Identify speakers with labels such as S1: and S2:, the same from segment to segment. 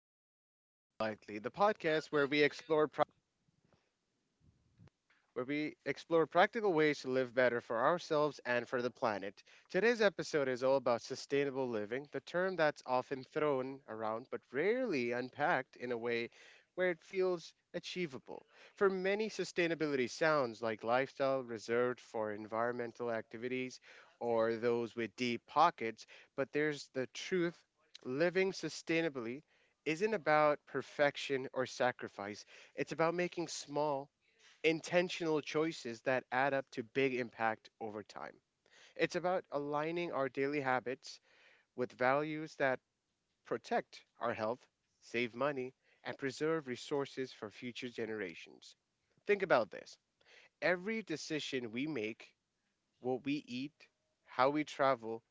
S1: Welcome to Living Lightly, the podcast where we explore practical ways to live better for ourselves and for the planet. Today's episode is all about sustainable living, the term that's often thrown around but rarely unpacked in a way where it feels achievable. For many, sustainability sounds like lifestyle reserved for environmental activities or those with deep pockets, but there's the truth: living sustainably isn't about perfection or sacrifice. It's about making small intentional choices that add up to big impact over time. It's about aligning our daily habits with values that protect our health, save money, and preserve resources for future generations. Think about this: every decision we make, what we eat, how we travel,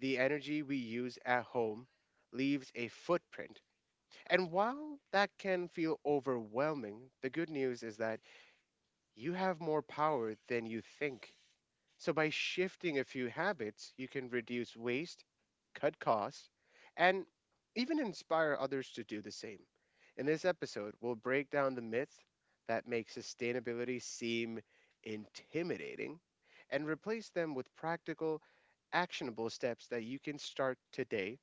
S1: the energy we use at home, leaves a footprint. And while that can feel overwhelming, the good news is that you have more power than you think. So, by shifting a few habits, you can reduce waste, cut costs, and even inspire others to do the same. In this episode, we'll break down the myths that make sustainability seem intimidating and replace them with practical, actionable steps that you can start today.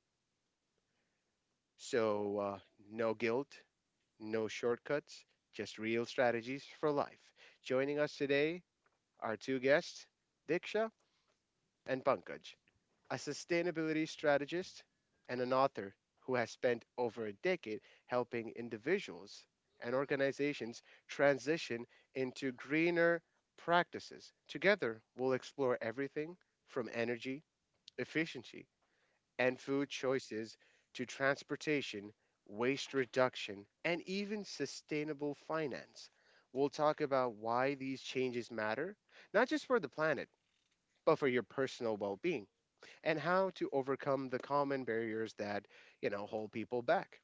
S1: So, no guilt, no shortcuts, just real strategies for life. Joining us today are two guests, Diksha and Pankaj, a sustainability strategist, and an author who has spent over a decade helping individuals and organizations transition into greener practices. Together, we'll explore everything from energy efficiency and food choices to transportation, waste reduction, and even sustainable finance. We'll talk about why these changes matter, not just for the planet, but for your personal well being and how to overcome the common barriers that, you know, hold people back.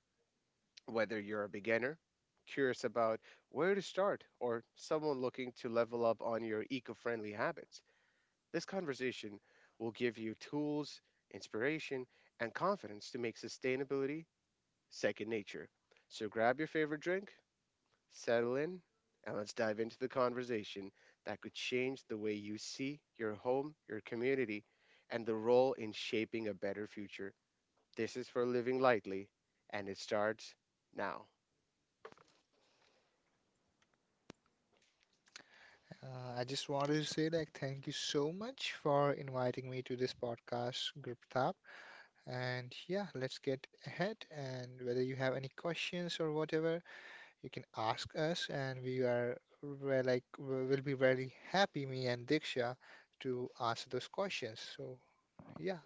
S1: Whether you're a beginner, curious about where to start, or someone looking to level up on your eco-friendly habits, this conversation will give you tools, inspiration, and confidence to make sustainability second nature. So grab your favorite drink, settle in, and let's dive into the conversation that could change the way you see your home, your community, and the role in shaping a better future. This is for living lightly, and it starts now.
S2: I just wanted to say, thank you so much for inviting me to this podcast, Guptap. And yeah, let's get ahead. And whether you have any questions or whatever, you can ask us, and we are we're like we- we'll be very happy, me and Diksha, to answer those questions. Yeah,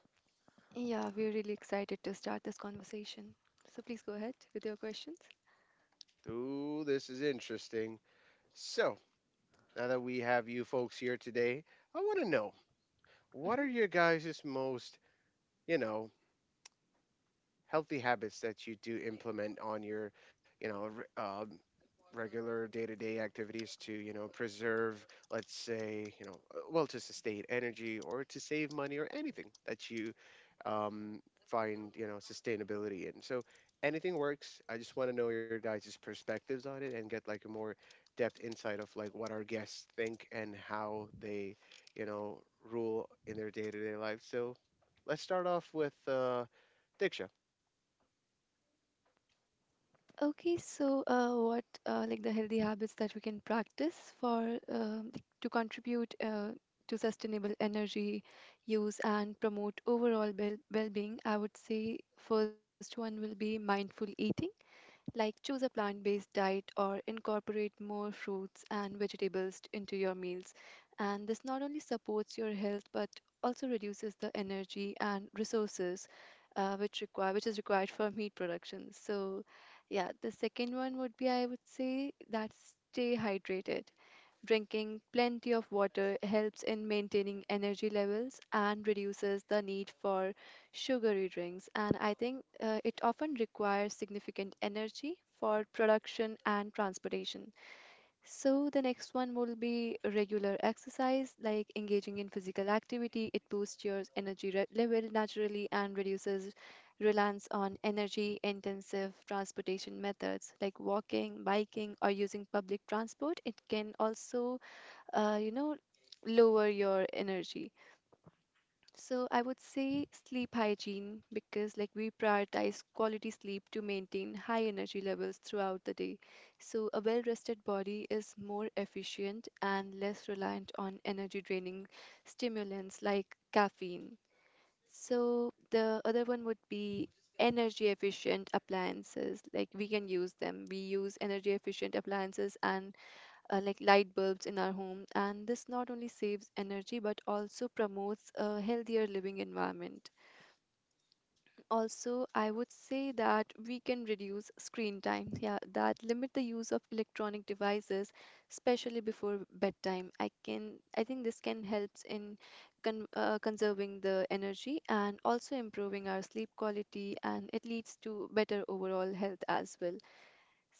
S3: Yeah, we're really excited to start this conversation. So please go ahead with your questions.
S1: Ooh, this is interesting. So, now that we have you folks here today, I want to know what are
S3: hmm
S1: your guys' most, you know, healthy habits that you do implement on your, you know, r- um, regular day-to-day activities to, preserve, let's say, to sustain energy or to save money or anything that you um, find, sustainability in. So anything works. I just want to know your guys' perspectives on it and get like a more depth insight of like what our guests think and how they, you know, rule in their day-to-day life. So let's start off with Diksha.
S3: Okay, so what like the healthy habits that we can practice for like, to contribute to sustainable energy use and promote overall well-being? I would say first one will be mindful eating. Like choose a plant based diet or incorporate more fruits and vegetables into your meals. And this not only supports your health but also reduces the energy and resources which is required for meat production. So yeah, the second one would be, I would say that, stay hydrated. Drinking plenty of water helps in maintaining energy levels and reduces the need for sugary drinks. And I think it often requires significant energy for production and transportation. So the next one will be regular exercise, like engaging in physical activity. It boosts your energy level naturally and reduces reliance on energy intensive transportation methods like walking, biking, or using public transport. It can also you know, lower your energy. So I would say sleep hygiene, because like we prioritize quality sleep to maintain high energy levels throughout the day. So a well-rested body is more efficient and less reliant on energy draining stimulants like caffeine. So the other one would be energy efficient appliances, like we use energy efficient appliances and like light bulbs in our home, and this not only saves energy but also promotes a healthier living environment. Also, I would say that we can reduce screen time, yeah, that limit the use of electronic devices, especially before bedtime. I think this can helps in conserving the energy and also improving our sleep quality, and it leads to better overall health as well.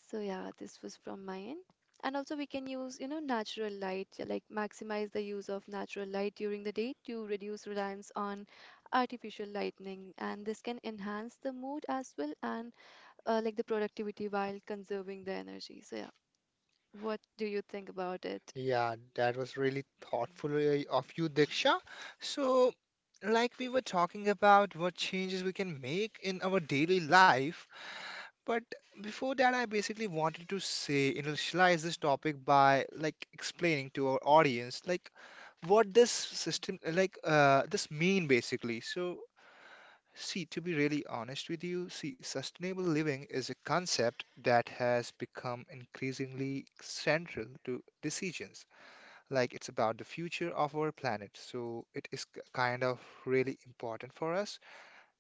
S3: So yeah, this was from my end. And also we can use, you know, natural light, like maximize the use of natural light during the day to reduce reliance on artificial lighting. And this can enhance the mood as well and like the productivity while conserving the energy. So yeah, what do you think about it?
S2: yeah, that was really thoughtful of you, Diksha. So. Like we were talking about what changes we can make in our daily life, but before that, I basically wanted to say, initialize this topic by explaining to our audience what this system this mean basically. So see, to be really honest with you, see, sustainable living is a concept that has become increasingly central to decisions. Like it's about the future of our planet. So it is kind of really important for us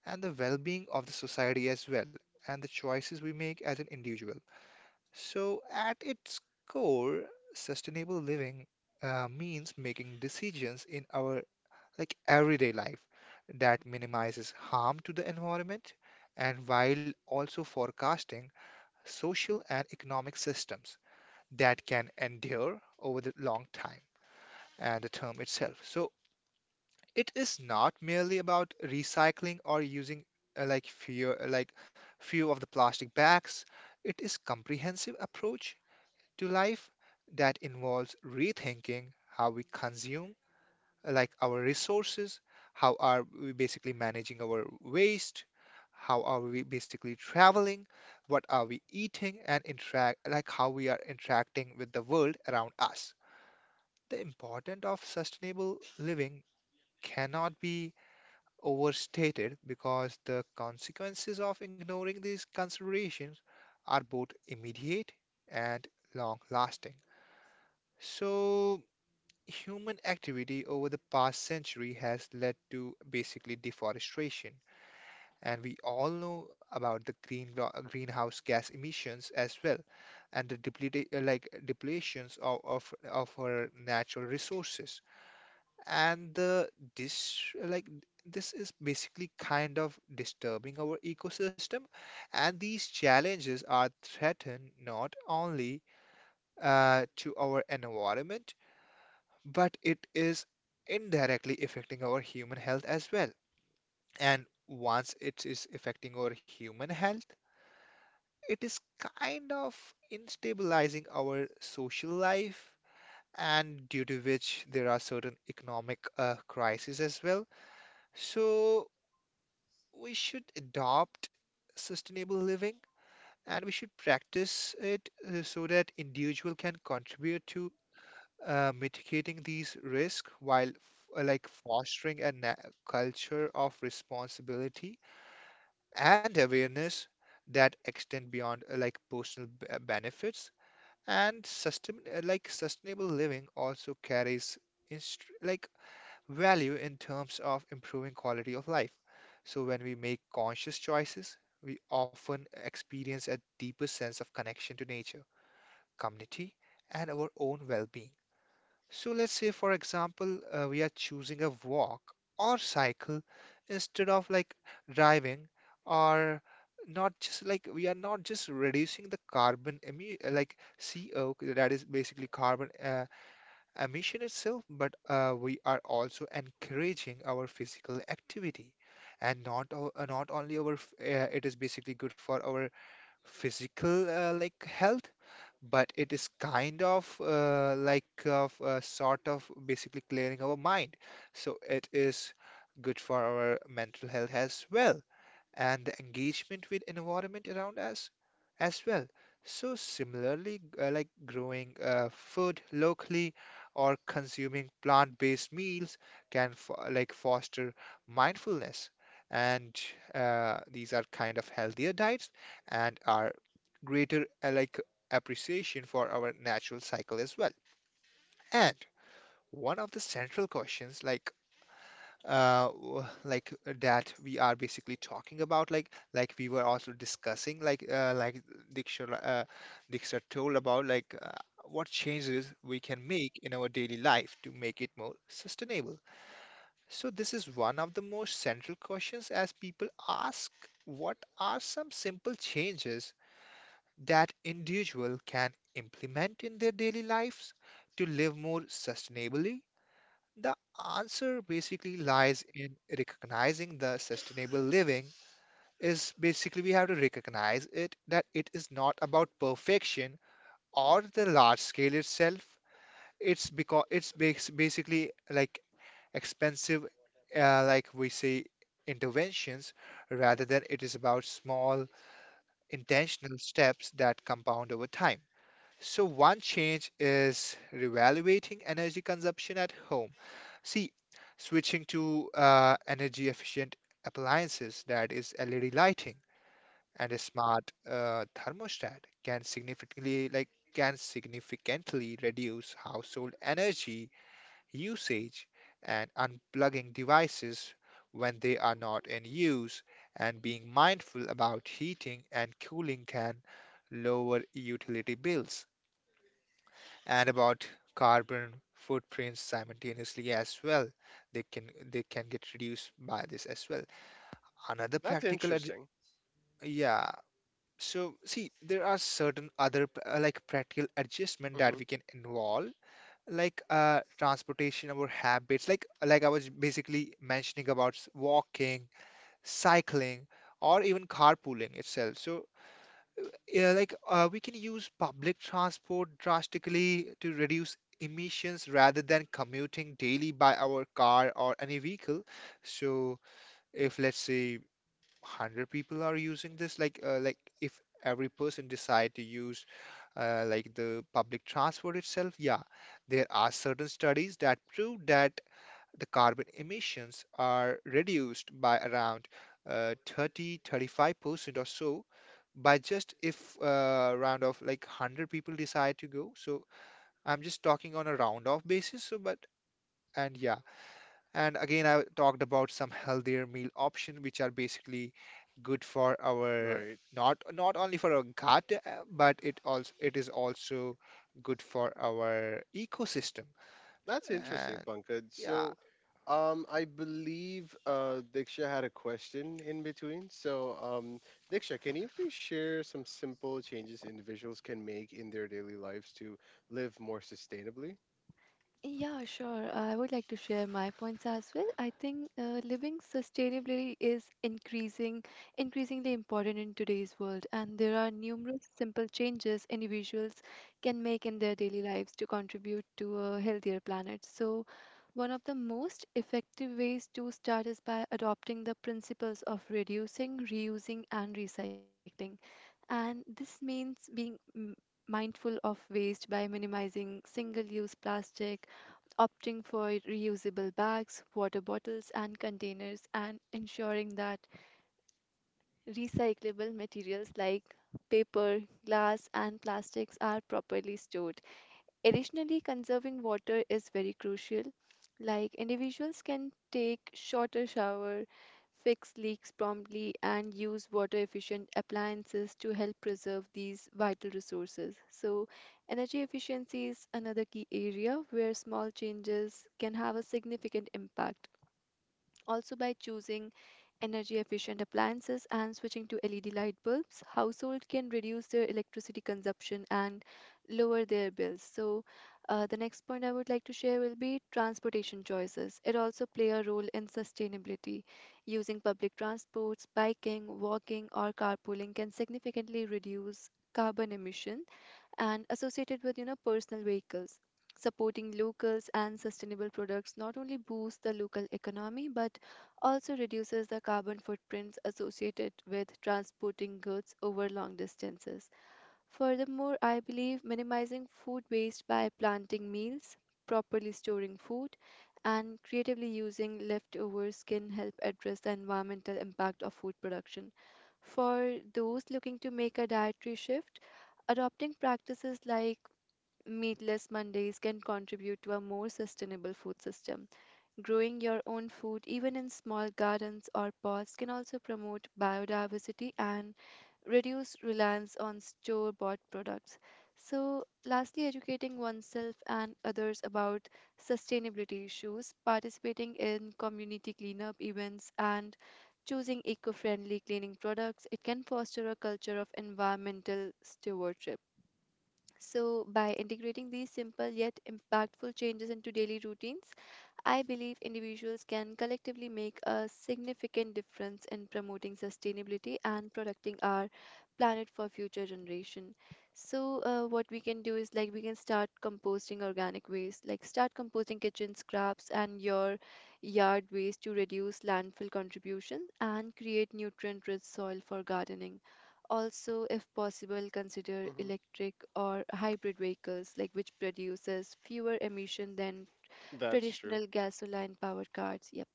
S2: and the well-being of the society as well. And the choices we make as an individual. So, at its core, sustainable living means making decisions in our like everyday life that minimizes harm to the environment and while also forecasting social and economic systems that can endure over the long time and the term itself. So, it is not merely about recycling or using uh, like few like few of the plastic bags. It is comprehensive approach to life that involves rethinking how we consume, like our resources, how are we basically managing our waste, how are we basically traveling, what are we eating, and interact like how we are interacting with the world around us. The importance of sustainable living cannot be overstated because the consequences of ignoring these considerations are both immediate and long lasting. So, human activity over the past century has led to basically deforestation, and we all know about the greenhouse gas emissions as well, and the deplete, like depletions of our natural resources. And the this like this is basically kind of disturbing our ecosystem, and these challenges are threatened not only to our environment but it is indirectly affecting our human health as well. And once it is affecting our human health, it is kind of instabilizing our social life, and due to which there are certain economic crises as well. So we should adopt sustainable living and we should practice it so that individual can contribute to mitigating these risks while fostering a culture of responsibility and awareness that extend beyond personal benefits and sustainable living also carries inst- like value in terms of improving quality of life. So when we make conscious choices, we often experience a deeper sense of connection to nature, community, and our own well-being. So let's say, for example, we are choosing a walk or cycle instead of driving, or not just like we are not just reducing the carbon emi like CO, that is basically carbon emission itself, but we are also encouraging our physical activity. And not o- not only our f- it is basically good for our physical health, but it is kind of like of sort of basically clearing our mind. So it is good for our mental health as well, and the engagement with environment around us as well. So similarly, growing food locally or consuming plant-based meals can foster mindfulness, and these are kind of healthier diets and are greater appreciation for our natural cycle as well. And one of the central questions that we are basically talking about, like we were also discussing like Diksha uh, Diksha told about what changes we can make in our daily life to make it more sustainable. So this is one of the most central questions as people ask, what are some simple changes that individual can implement in their daily lives to live more sustainably? The answer basically lies in recognizing the sustainable living is basically we have to recognize it that it is not about perfection or the large scale itself. It's because it's basically like expensive, uh, like we say, interventions rather than it is about small intentional steps that compound over time. So one change is reevaluating energy consumption at home. See, switching to energy efficient appliances, that is LED lighting and a smart thermostat, can significantly reduce household energy usage, and unplugging devices when they are not in use and being mindful about heating and cooling can lower utility bills, and about carbon footprints simultaneously as well. They can they can get reduced by this as well. Another
S1: That's interesting.
S2: yeah. So see, there are certain other practical adjustment that
S1: Hmm.
S2: we can involve, like transportation, our habits, like I was basically mentioning about walking, cycling, or even carpooling itself. So yeah, we can use public transport drastically to reduce emissions rather than commuting daily by our car or any vehicle. So if let's say 100 people are using this, if every person decide to use the public transport itself, yeah, there are certain studies that prove that the carbon emissions are reduced by around 30 35% or so by just if round of like 100 people decide to go. So I'm just talking on a round off basis, so but and yeah, and again I talked about some healthier meal option which are basically good for our...
S1: Right.
S2: not not only for our gut but it also it is also good for our ecosystem.
S1: That's interesting,
S2: And
S1: Pankaj.
S2: yeah.
S1: So, I believe Diksha had a question in between. So, Diksha, can you please share some simple changes individuals can make in their daily lives to live more sustainably?
S3: Yeah, sure. I would like to share my points as well. I think living sustainably is increasingly important in today's world, and there are numerous simple changes individuals can make in their daily lives to contribute to a healthier planet. So, one of the most effective ways to start is by adopting the principles of reducing, reusing, and recycling. And this means being mindful of waste by minimizing single-use plastic, opting for reusable bags, water bottles, and containers, and ensuring that recyclable materials like paper, glass, and plastics are properly stored. Additionally, conserving water is very crucial. Like individuals can take shorter shower, fix leaks promptly, and use water efficient appliances to help preserve these vital resources. So, energy efficiency is another key area where small changes can have a significant impact. Also, by choosing energy efficient appliances and switching to LED light bulbs, households can reduce their electricity consumption and lower their bills. So, the next point I would like to share will be transportation choices. It also play a role in sustainability. Using public transports, biking, walking, or carpooling can significantly reduce carbon emissions and associated with, you know, personal vehicles. Supporting locals and sustainable products not only boosts the local economy but also reduces the carbon footprints associated with transporting goods over long distances. Furthermore, I believe minimizing food waste by planting meals, properly storing food, and creatively using leftovers can help address the environmental impact of food production. For those looking to make a dietary shift, adopting practices like meatless Mondays can contribute to a more sustainable food system. Growing your own food, even in small gardens or pots, can also promote biodiversity and reduce reliance on store bought products. So, lastly, educating oneself and others about sustainability issues, participating in community cleanup events, and choosing eco friendly cleaning products, it can foster a culture of environmental stewardship. So, by integrating these simple yet impactful changes into daily routines, I believe individuals can collectively make a significant difference in promoting sustainability and protecting our planet for future generation. So, what we can do is like we can start composting organic waste, like start composting kitchen scraps and your yard waste to reduce landfill contribution and create nutrient-rich soil for gardening. Also, if possible, consider
S1: Hmm.
S3: electric or hybrid vehicles, like which produces fewer emission than
S1: That's true.
S3: traditional gasoline powered cars. Yep.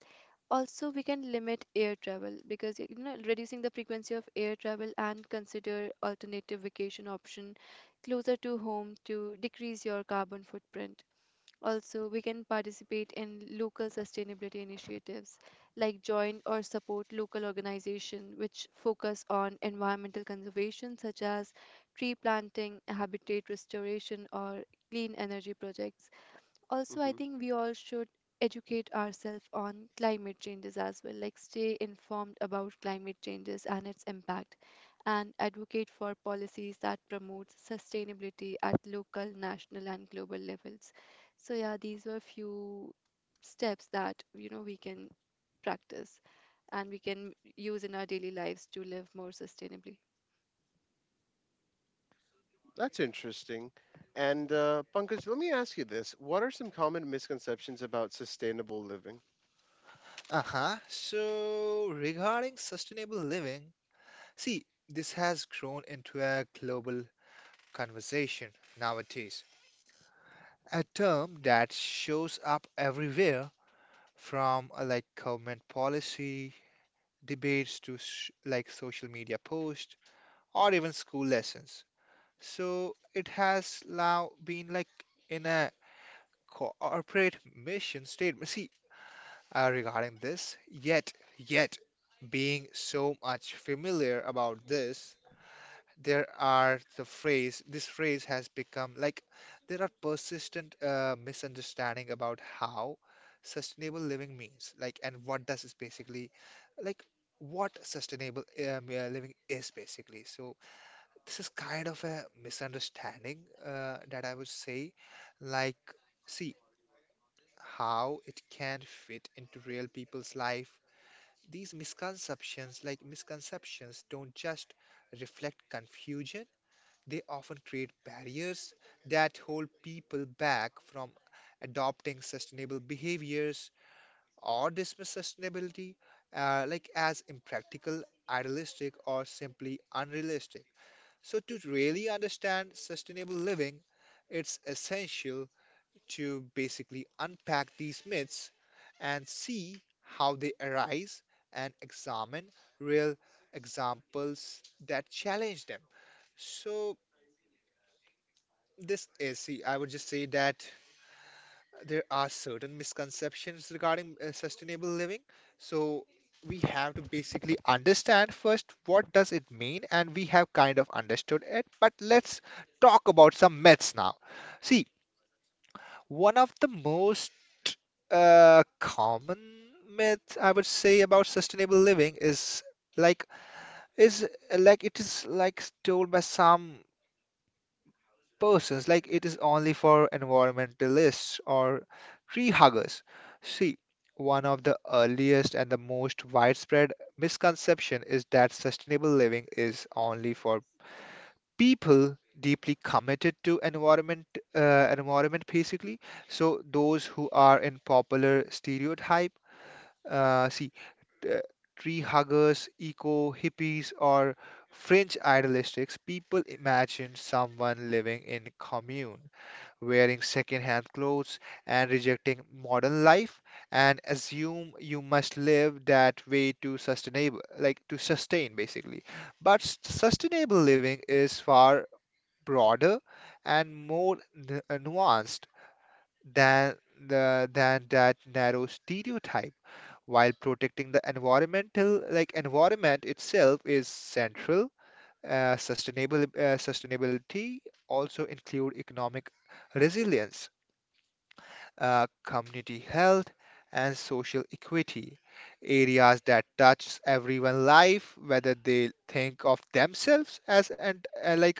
S3: Also, we can limit air travel, because you know reducing the frequency of air travel and consider alternative vacation option closer to home to decrease your carbon footprint. Also, we can participate in local sustainability initiatives, like join or support local organizations which focus on environmental conservation such as tree planting, habitat restoration, or clean energy projects. Also, I
S1: Hmm.
S3: think we all should educate ourselves on climate changes as well, like stay informed about climate changes and its impact, and advocate for policies that promote sustainability at local, national, and global levels. So yeah, these were few steps that you know we can practice and we can use in our daily lives to live more sustainably.
S1: That's interesting. And Pankaj, let me ask you this: What are some common misconceptions about sustainable living?
S2: Uh-huh. So regarding sustainable living, see, this has grown into a global conversation nowadays, a term that shows up everywhere from government policy debates to sh like social media posts or even school lessons. So it has now been like in a corporate mission statement. See, regarding this. Yet, being so much familiar about this, there are the phrase, this phrase has become like there are persistent misunderstanding about how sustainable living means, like, and what does is basically, like, what sustainable living is basically. So this is kind of a misunderstanding that I would say, like, see how it can fit into real people's life. These misconceptions, don't just reflect confusion, they often create barriers that hold people back from adopting sustainable behaviors or dismiss sustainability as impractical, idealistic, or simply unrealistic. So to really understand sustainable living, it's essential to basically unpack these myths and see how they arise and examine real examples that challenge them. So, this is, see, I would just say that there are certain misconceptions regarding sustainable living. So, we have to basically understand first what does it mean, and we have kind of understood it, but let's talk about some myths now. See, one of the most common myth I would say about sustainable living like is like it is like told by some persons like it is only for environmentalists or tree huggers. See, one of the earliest and the most widespread misconception is that sustainable living is only for people deeply committed to environment basically. So those who are in popular stereotype, see uh, tree huggers, eco hippies, or fringe idealistics, people imagine someone living in commune, wearing second-hand clothes and rejecting modern life and assume you must live that way to sustainable like to sustain basically. But sustainable living is far broader and more nuanced than the than that narrow stereotype. While protecting the environment itself is central, sustainable sustainability also include economic resilience, community health, and social equity, areas that touch everyone's life whether they think of themselves as and like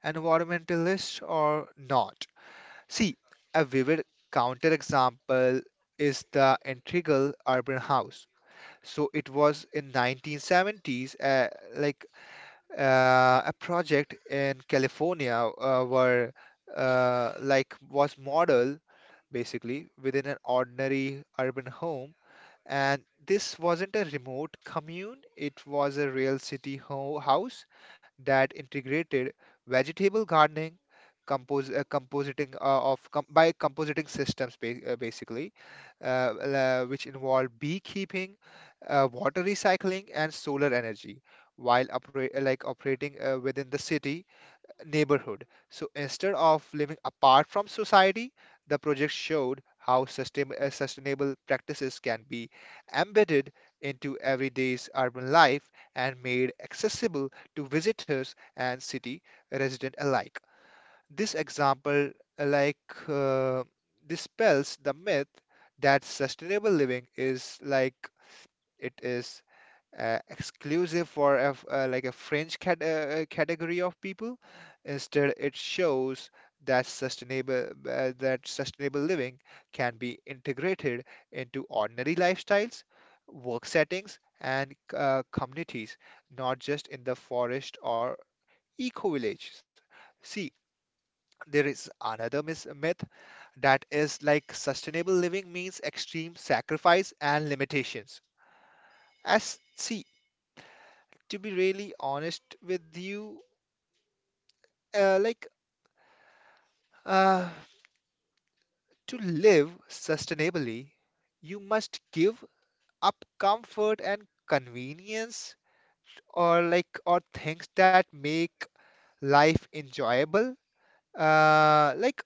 S2: environmentalists or not. See, a vivid counterexample is the Integral Urban House. So it was in 1970s, like a project in California were like was modeled basically within an ordinary urban home, and this wasn't a remote commune, it was a real house that integrated vegetable gardening, compositing of com by compositing systems ba basically, which involved beekeeping, water recycling, and solar energy, while operating within the city neighborhood. So instead of living apart from society, the project showed how sustainable practices can be embedded into everyday's urban life and made accessible to visitors and city residents alike. This example, uh, like, uh, dispels the myth that sustainable living is like it is exclusive for a, f- like a fringe category of people. Instead, it shows that sustainable living can be integrated into ordinary lifestyles, work settings, and communities, not just in the forest or eco villages. See, there is another myth that is like sustainable living means extreme sacrifice and limitations. As see, to be really honest with you, uh, like uh, to live sustainably, you must give up comfort and convenience or things that make life enjoyable. Uh, like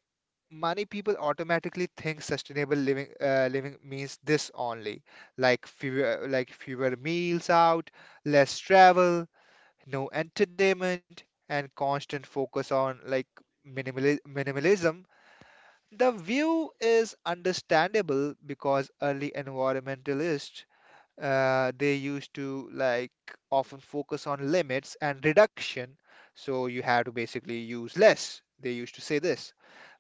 S2: many people automatically think sustainable living living means this only, like fewer meals out, less travel, no entertainment and constant focus on like minimalism. The view is understandable because early environmentalists they used to like often focus on limits and reduction, so you have to basically use less. They used to say this.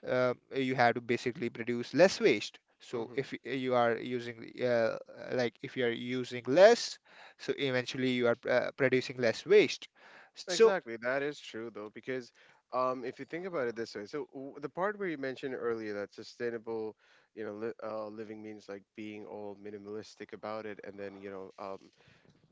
S2: You have to basically produce less waste. So if you are using uh, if you are using less, so eventually you are producing less waste. So
S1: Exactly, that is true though, because if you think about it this way. So the part where you mentioned earlier, that sustainable, you know, li living means like being all minimalistic about it, and then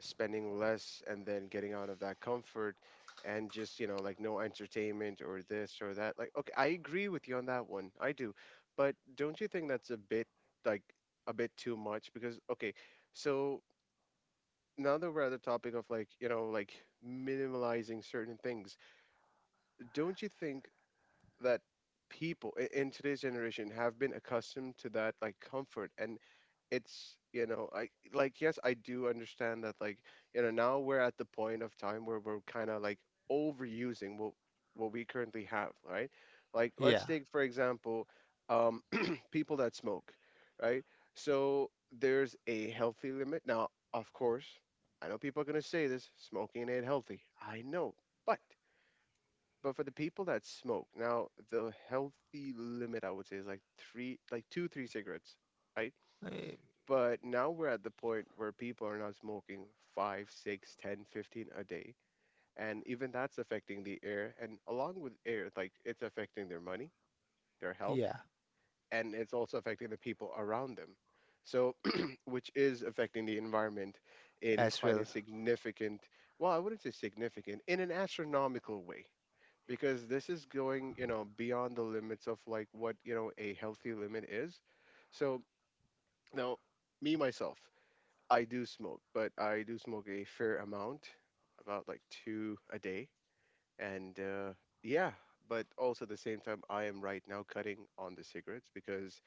S1: spending less, and then getting out of that comfort, and just like no entertainment or this or that. Like, okay, I agree with you on that one, I do, but don't you think that's like a bit too much? Because, okay, so now that we're at the topic of like minimalizing certain things, don't you think that people in today's generation have been accustomed to that like comfort? And it's I like, yes, I do understand that. Like, now we're at the point of time where we're kind of like overusing what we currently have, right? Like, let's
S2: yeah,
S1: take for example, um people that smoke, right? So there's a healthy limit, now, of course, I know people are going to say this, smoking ain't healthy, I know, but but for the people that smoke, now the healthy limit I would say is like three, like two, three cigarettes, right?
S2: eh,
S1: But now we're at the point where people are now smoking five, six, 10, 15 a day. And even that's affecting the air. And along with air, like it's affecting their money, their health,
S2: yeah,
S1: and it's also affecting the people around them. So, which is affecting the environment in
S2: as
S1: quite a
S2: well.
S1: significant, well, I wouldn't say significant, in an astronomical way, because this is going, beyond the limits of like what, a healthy limit is. So now, me myself, I do smoke, but I do smoke a fair amount, about like two a day. And yeah, but also at the same time, I am right now cutting on the cigarettes because,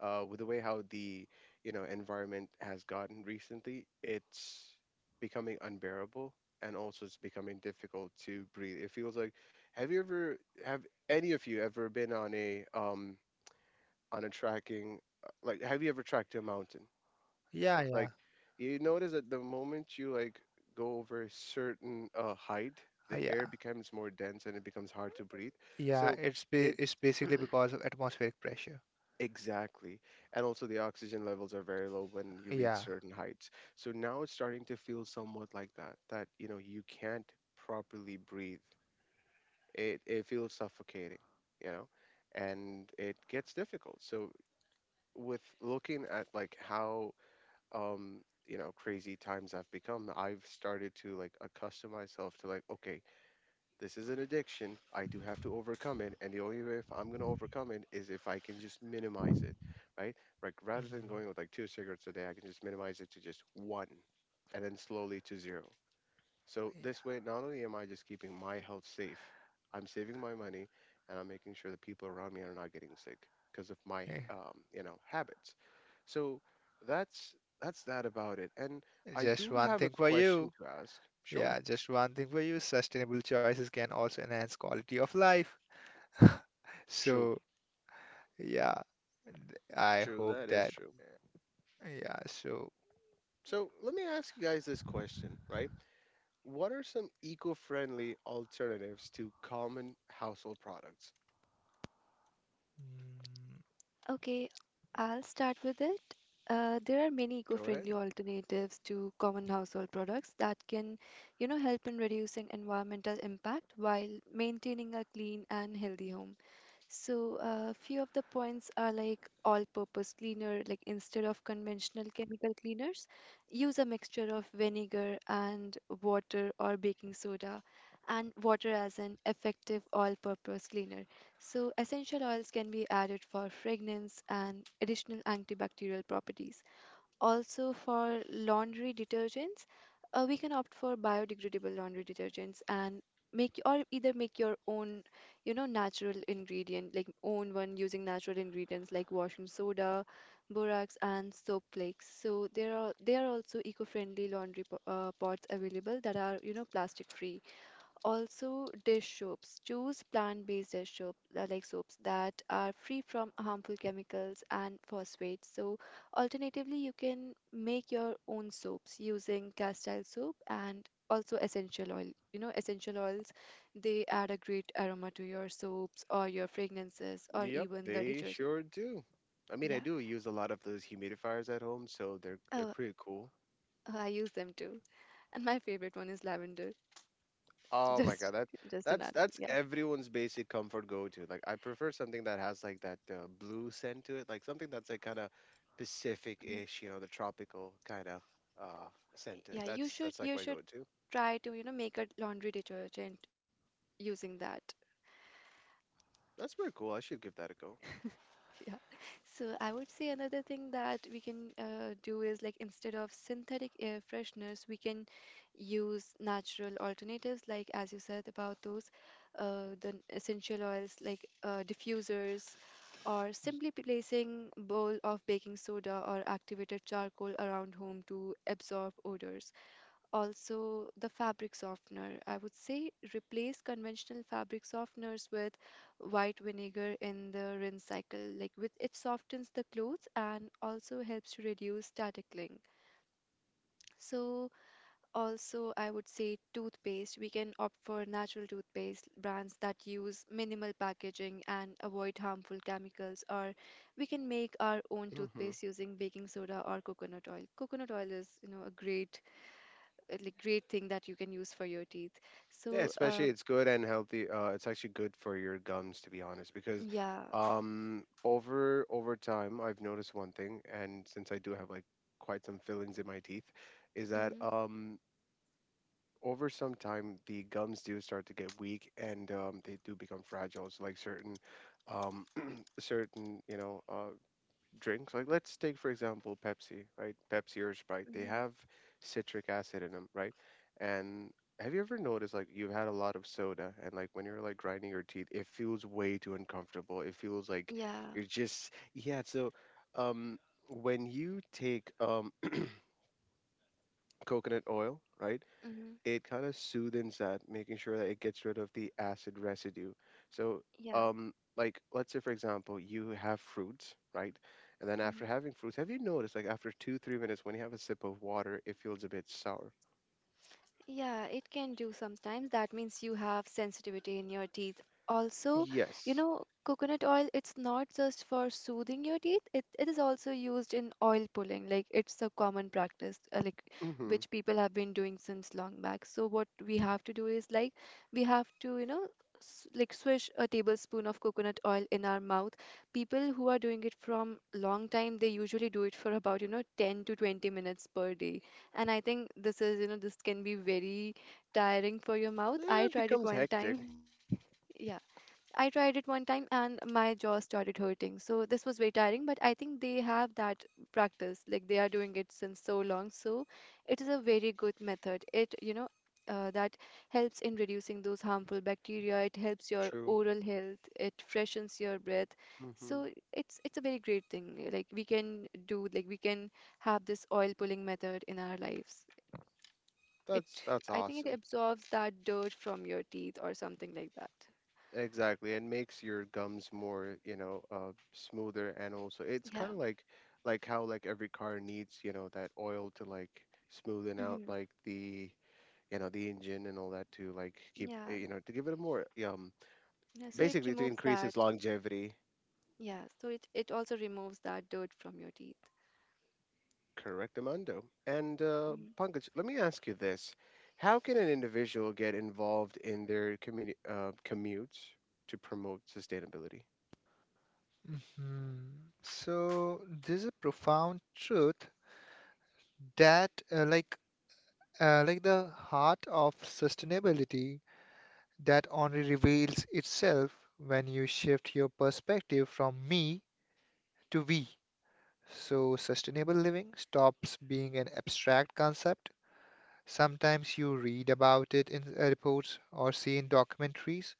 S1: with the way how the environment has gotten recently, it's becoming unbearable, and also it's becoming difficult to breathe. It feels like, have you ever have any of you ever been on a tracking like, have you ever tracked a mountain?
S2: Yeah, yeah,
S1: Like, you notice that the moment you like go over a certain height,
S2: uh,
S1: the air
S2: yeah,
S1: becomes more dense and it becomes hard to breathe.
S2: yeah.
S1: So
S2: It's ba
S1: it
S2: it's basically because of atmospheric pressure.
S1: Exactly. And also, the oxygen levels are very low when you reach
S2: Yeah.
S1: certain heights. So now it's starting to feel somewhat like that, that, you can't properly breathe. It feels suffocating, you know, and it gets difficult. So, with looking at like how, um, crazy times have become, I've started to like accustom myself to like, okay, this is an addiction. I do have to overcome it. And the only way if I'm going to overcome it is if I can just minimize it, right? Like, rather than
S2: Mhm.
S1: going with like two cigarettes a day, I can just minimize it to just one and then slowly to zero. So this way, not only am I just keeping my health safe, I'm saving my money and I'm making sure the people around me are not getting sick because of my,
S2: Eh,
S1: um, you know, habits. So that's that's that about it. And I
S2: just
S1: do
S2: one
S1: have a
S2: thing for
S1: question
S2: you.
S1: to ask. Sure.
S2: Yeah, just one thing for you. Sustainable choices can also enhance quality of life.
S1: True.
S2: So, yeah, I
S1: True.
S2: hope
S1: That is
S2: that.
S1: true.
S2: Yeah, so.
S1: So let me ask you guys this question, right? What are some eco-friendly alternatives to common household products?
S3: Okay, I'll start with it. There are many
S1: Go ahead.
S3: eco-friendly alternatives to common household products that can, you know, help in reducing environmental impact while maintaining a clean and healthy home. So, a few of the points are like all purpose cleaner, like instead of conventional chemical cleaners, use a mixture of vinegar and water, or baking soda and water, as an effective all purpose cleaner. So, essential oils can be added for fragrance and additional antibacterial properties. Also, for laundry detergents, we can opt for biodegradable laundry detergents and make or either make your own, you know, natural ingredient, like own one using natural ingredients like washing soda, borax, and soap flakes. So there are also eco-friendly laundry pots available that are, you know, plastic free. Also, dish soaps. Choose plant-based dish soap, like soaps that are free from harmful chemicals and phosphates. So, alternatively, you can make your own soaps using castile soap and also essential oil. You know, essential oils, they add a great aroma to your soaps or your fragrances or
S1: Yep,
S3: even the
S1: they
S3: detergent.
S1: sure do. I mean, I
S3: Yeah.
S1: do use a lot of those humidifiers at home, so they're
S3: Oh,
S1: pretty cool.
S3: oh, I use them too. And my favorite one is lavender.
S1: Oh my God,
S3: Just
S1: that
S3: just an
S1: that's
S3: add-on.
S1: that's
S3: Yeah.
S1: everyone's basic comfort go-to. Like, I prefer something that has like that blue scent to it, like something that's like kind of
S3: Mhm.
S1: Pacific-ish, the tropical kind of uh, scent to it.
S3: Yeah,
S1: That's that's like
S3: you
S1: my
S3: should
S1: go-to.
S3: try to, you know, make a laundry detergent using that.
S1: That's pretty cool. I should give that a go.
S3: Yeah. So I would say another thing that we can do is like instead of synthetic air fresheners, we can use natural alternatives, like as you said about those the essential oils like diffusers, or simply placing bowl of baking soda or activated charcoal around home to absorb odors. Also, the fabric softener. I would say replace conventional fabric softeners with white vinegar in the rinse cycle. Like with it softens the clothes and also helps to reduce static cling. So also I would say toothpaste. We can opt for natural toothpaste brands that use minimal packaging and avoid harmful chemicals, or we can make our own
S1: Hmm.
S3: toothpaste using baking soda or coconut oil. Coconut oil is, you know, a great great thing that you can use for your teeth.
S1: Yeah,
S3: So
S1: especially it's good and healthy. It's actually good for your gums, to be honest, because
S3: yeah.
S1: over time, I've noticed one thing, and since I do have like quite some fillings in my teeth, is that
S3: Mm-hmm,
S1: over some time the gums do start to get weak, and they do become fragile. So, like certain um, certain drinks. Like, let's take for example Pepsi, right? Pepsi or Sprite, they
S3: mm-hmm.
S1: have citric acid in them, right? And have you ever noticed, like, you've had a lot of soda, and like when you're like grinding your teeth, it feels way too uncomfortable. It feels like
S3: Yeah.
S1: you're just yeah, so um when you take coconut oil, right?
S3: Mm-hmm.
S1: It kind of soothes that, making sure that it gets rid of the acid residue. So,
S3: Yeah.
S1: like, let's say for example, you have fruits, right? And then after
S3: Mm-hmm.
S1: having fruits, have you noticed like after 2, 3 minutes when you have a sip of water, it feels a bit sour?
S3: Yeah, it can do sometimes. That means you have sensitivity in your teeth. Also, you
S1: Yes.
S3: know, coconut oil, it's not just for soothing your teeth, it is also used in oil pulling. Like, it's a common practice, like,
S1: Mm-hmm.
S3: which people have been doing since long back. So, what we have to do is, like, we have to, you know, swish a tablespoon of coconut oil in our mouth. People who are doing it from long time, they usually do it for about, you know, 10 to 20 minutes per day. And I think this is, you know, this can be very tiring for your mouth. I
S1: Eh, it
S3: tried it
S1: becomes
S3: one
S1: hectic.
S3: time. Yeah. I tried it one time and my jaw started hurting. So this was very tiring, but I think they have that practice. Like they are doing it since so long. So it is a very good method. It, you know, that helps in reducing those harmful bacteria. It helps your
S1: True.
S3: oral health. It freshens your breath.
S1: Mm-hmm.
S3: So it's a very great thing. Like we can have this oil pulling method in our lives. It,
S1: That's
S3: I think it
S1: awesome.
S3: absorbs that dirt from your teeth or something like that.
S1: Exactly, and makes your gums more, smoother, and also it's
S3: Yeah.
S1: kind of like how like every car needs, that oil to like smoothen out
S3: Mhm.
S1: like the engine and all that to like keep,
S3: Yeah,
S1: you know, to give it
S3: yeah, so it
S1: basically to
S3: removes
S1: increase
S3: that.
S1: its longevity.
S3: Yeah, so it also removes that dirt from your teeth.
S1: Correct, Amando. And
S3: Mm.
S1: Pankaj, let me ask you this: How can an individual get involved in their commutes to promote sustainability?
S2: Mm-hmm. So there's a profound truth that, the heart of sustainability that only reveals itself when you shift your perspective from me to we. So, sustainable living stops being an abstract concept. Sometimes you read about it in reports or see in documentaries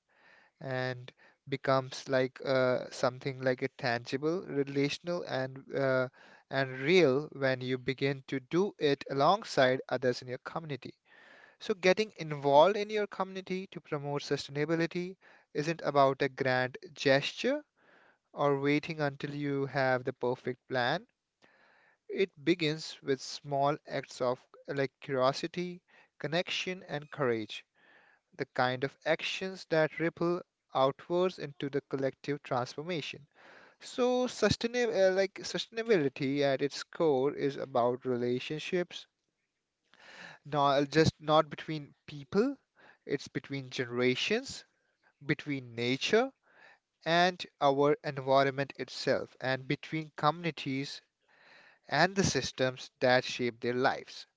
S2: and becomes like something like a tangible, relational, and real when you begin to do it alongside others in your community. So, getting involved in your community to promote sustainability isn't about a grand gesture or waiting until you have the perfect plan. It begins with small acts of like curiosity, connection, and courage, the kind of actions that ripple outwards into the collective transformation. So, sustainability at its core is about relationships. Not just not between people, it's between generations, between nature and our environment itself, and between communities and the systems that shape their lives.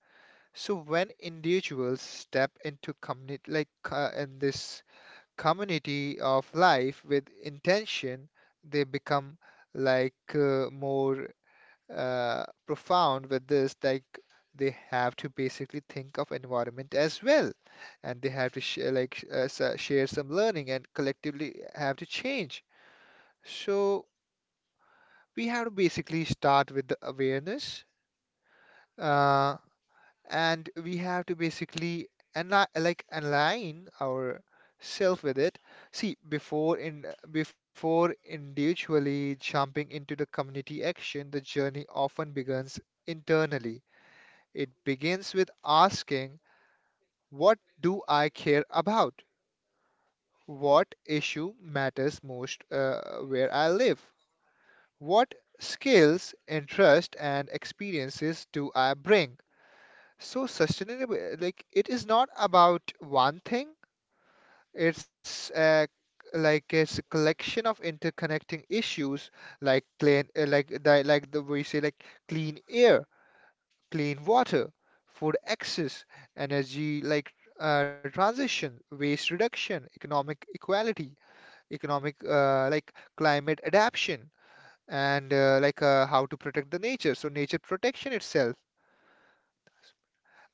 S2: So when individuals step into community like in this community of life with intention, they become like more profound with this. Like they have to basically think of environment as well, and they have to share like share some learning and collectively have to change. So we have to basically start with the awareness, uh, and we have to basically and like align ourselves with it. See, before individually jumping into the community action, the journey often begins internally. It begins with asking, what do I care about? What issue matters most where I live? What skills, interests, and experiences do I bring? So, sustainable, like, it is not about one thing, it's a like it's a collection of interconnecting issues like clean like the we say like clean air, clean water, food access, energy like transition, waste reduction, economic equality, economic like climate adaptation, and how to protect the nature. So nature protection itself.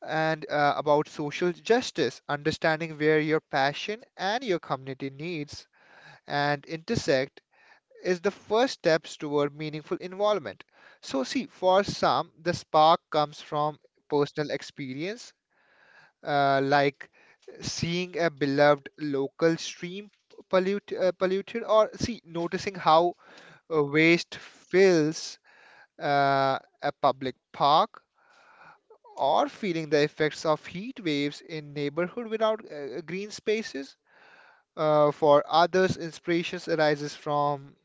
S2: And about social justice, understanding where your passion and your community needs and intersect is the first steps toward meaningful involvement. So see, for some, the spark comes from personal experience, uh, like seeing a beloved local stream polluted, or see noticing how waste fills a public park, or feeling the effects of heat waves in neighborhood without green spaces. For others, inspirations arises from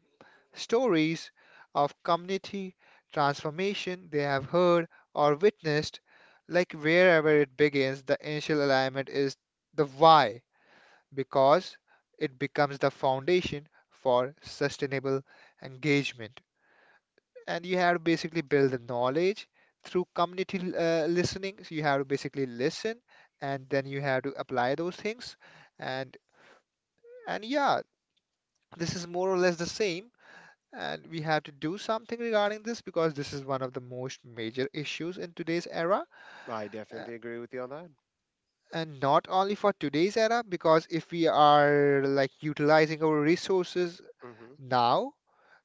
S2: stories of community transformation they have heard or witnessed. Like wherever it begins, the initial alignment is the why, because it becomes the foundation for sustainable engagement. And you have to basically build the knowledge through community listening. So you have to basically listen, and then you have to apply those things. And and yeah, this is more or less the same. And we have to do something regarding this because this is one of the most major issues in today's era.
S1: I
S2: Uh,
S1: definitely agree with you on that.
S2: and not only for today's era, because if we are like utilizing our resources
S1: Mm-hmm.
S2: now.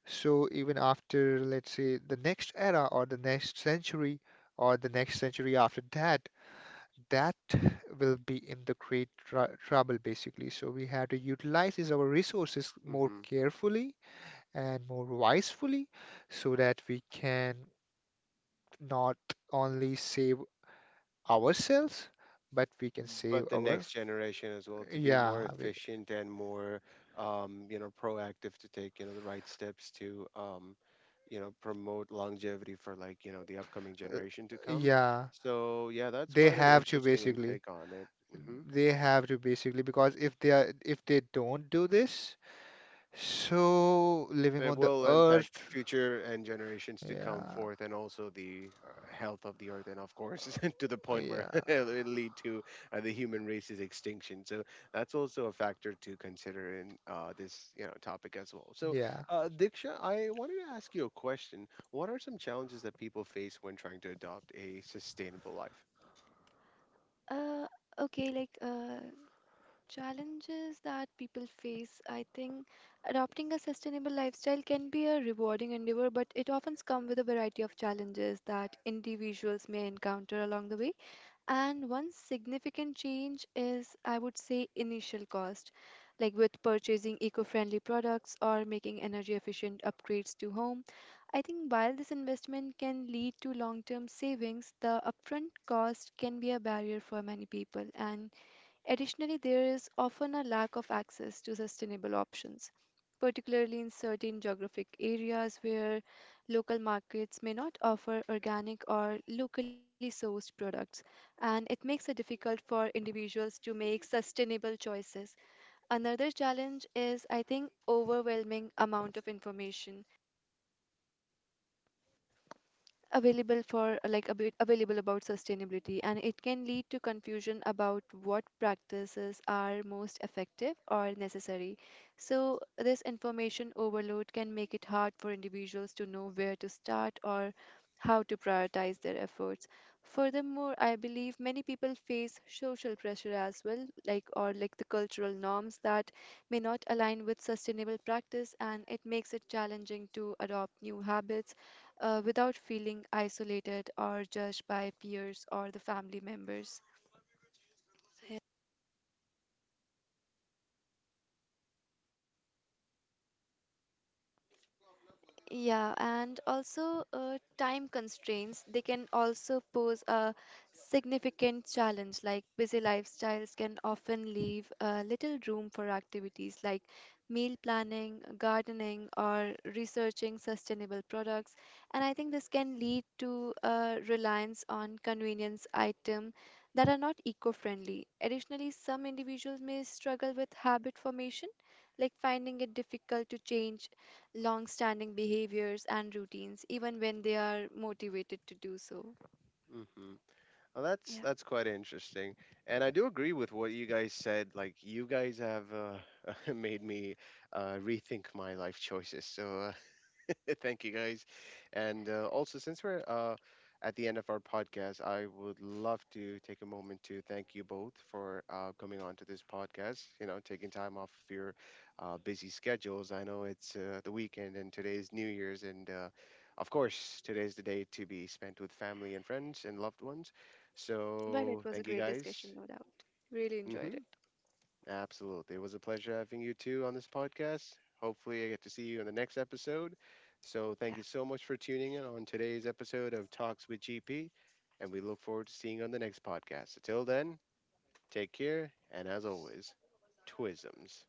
S2: So even after, let's say, the next era or the next century or the next century after that, that will be in the great tr trouble basically. So we have to utilize is our resources more
S1: Mm-hmm.
S2: carefully and more wisely so that we can not only save ourselves, but we can
S1: But
S2: save
S1: the
S2: our,
S1: next generation as well, to be more
S2: yeah, we,
S1: efficient and more proactive to take the right steps to promote longevity for the upcoming
S2: uh,
S1: generation to come.
S2: yeah,
S1: So yeah, that's
S2: they
S1: quite an
S2: have to
S1: interesting
S2: basically.
S1: intake on it. Hmm.
S2: They have to basically because if they don't do this, so living
S1: It
S2: on the
S1: will
S2: earth,
S1: impact future and generations to come
S2: yeah,
S1: forth, and also the health of the earth, and of course, to the point where
S2: yeah,
S1: it lead to the human race's extinction. So that's also a factor to consider in this, topic as well. So,
S2: yeah.
S1: Diksha, I wanted to ask you a question. What are some challenges that people face when trying to adopt a sustainable life?
S3: Uh, okay, like challenges that people face. I think adopting a sustainable lifestyle can be a rewarding endeavor, but it often comes with a variety of challenges that individuals may encounter along the way. And one significant change is, I would say, initial cost, like with purchasing eco-friendly products or making energy-efficient upgrades to home. I think while this investment can lead to long-term savings, the upfront cost can be a barrier for many people. And additionally, there is often a lack of access to sustainable options, particularly in certain geographic areas where local markets may not offer organic or locally sourced products, and it makes it difficult for individuals to make sustainable choices. Another challenge is, I think, overwhelming amount of information available for like a bit available about sustainability, and it can lead to confusion about what practices are most effective or necessary. So this information overload can make it hard for individuals to know where to start or how to prioritize their efforts. Furthermore, I believe many people face social pressure as well, like or like the cultural norms that may not align with sustainable practice, and it makes it challenging to adopt new habits without feeling isolated or judged by peers or the family members. Yeah, and also time constraints, they can also pose a significant challenge. Like busy lifestyles can often leave little room for activities like meal planning, gardening, or researching sustainable products. And I think this can lead to a reliance on convenience items that are not eco-friendly. Additionally, some individuals may struggle with habit formation, like finding it difficult to change long standing behaviors and routines, even when they are motivated to do so.
S1: Mhm. Well, that's
S3: Yeah,
S1: that's quite interesting, and I do agree with what you guys said. Like, you guys have made me rethink my life choices. So, thank you guys. And, also, since we're at the end of our podcast, I would love to take a moment to thank you both for coming on to this podcast, taking time off of your busy schedules. I know it's the weekend and today is New Year's. And of course, today is the day to be spent with family and friends and loved ones.
S3: but it
S1: So,
S3: was a
S1: thank you
S3: great
S1: guys.
S3: discussion, no doubt. Really enjoyed
S1: Hmm.
S3: it.
S1: Absolutely. It was a pleasure having you too on this podcast. Hopefully, I get to see you in the next episode. So, thank
S3: Yeah.
S1: you so much for tuning in on today's episode of Talks with GP, and we look forward to seeing you on the next podcast. Until then, take care, and as always, twisms.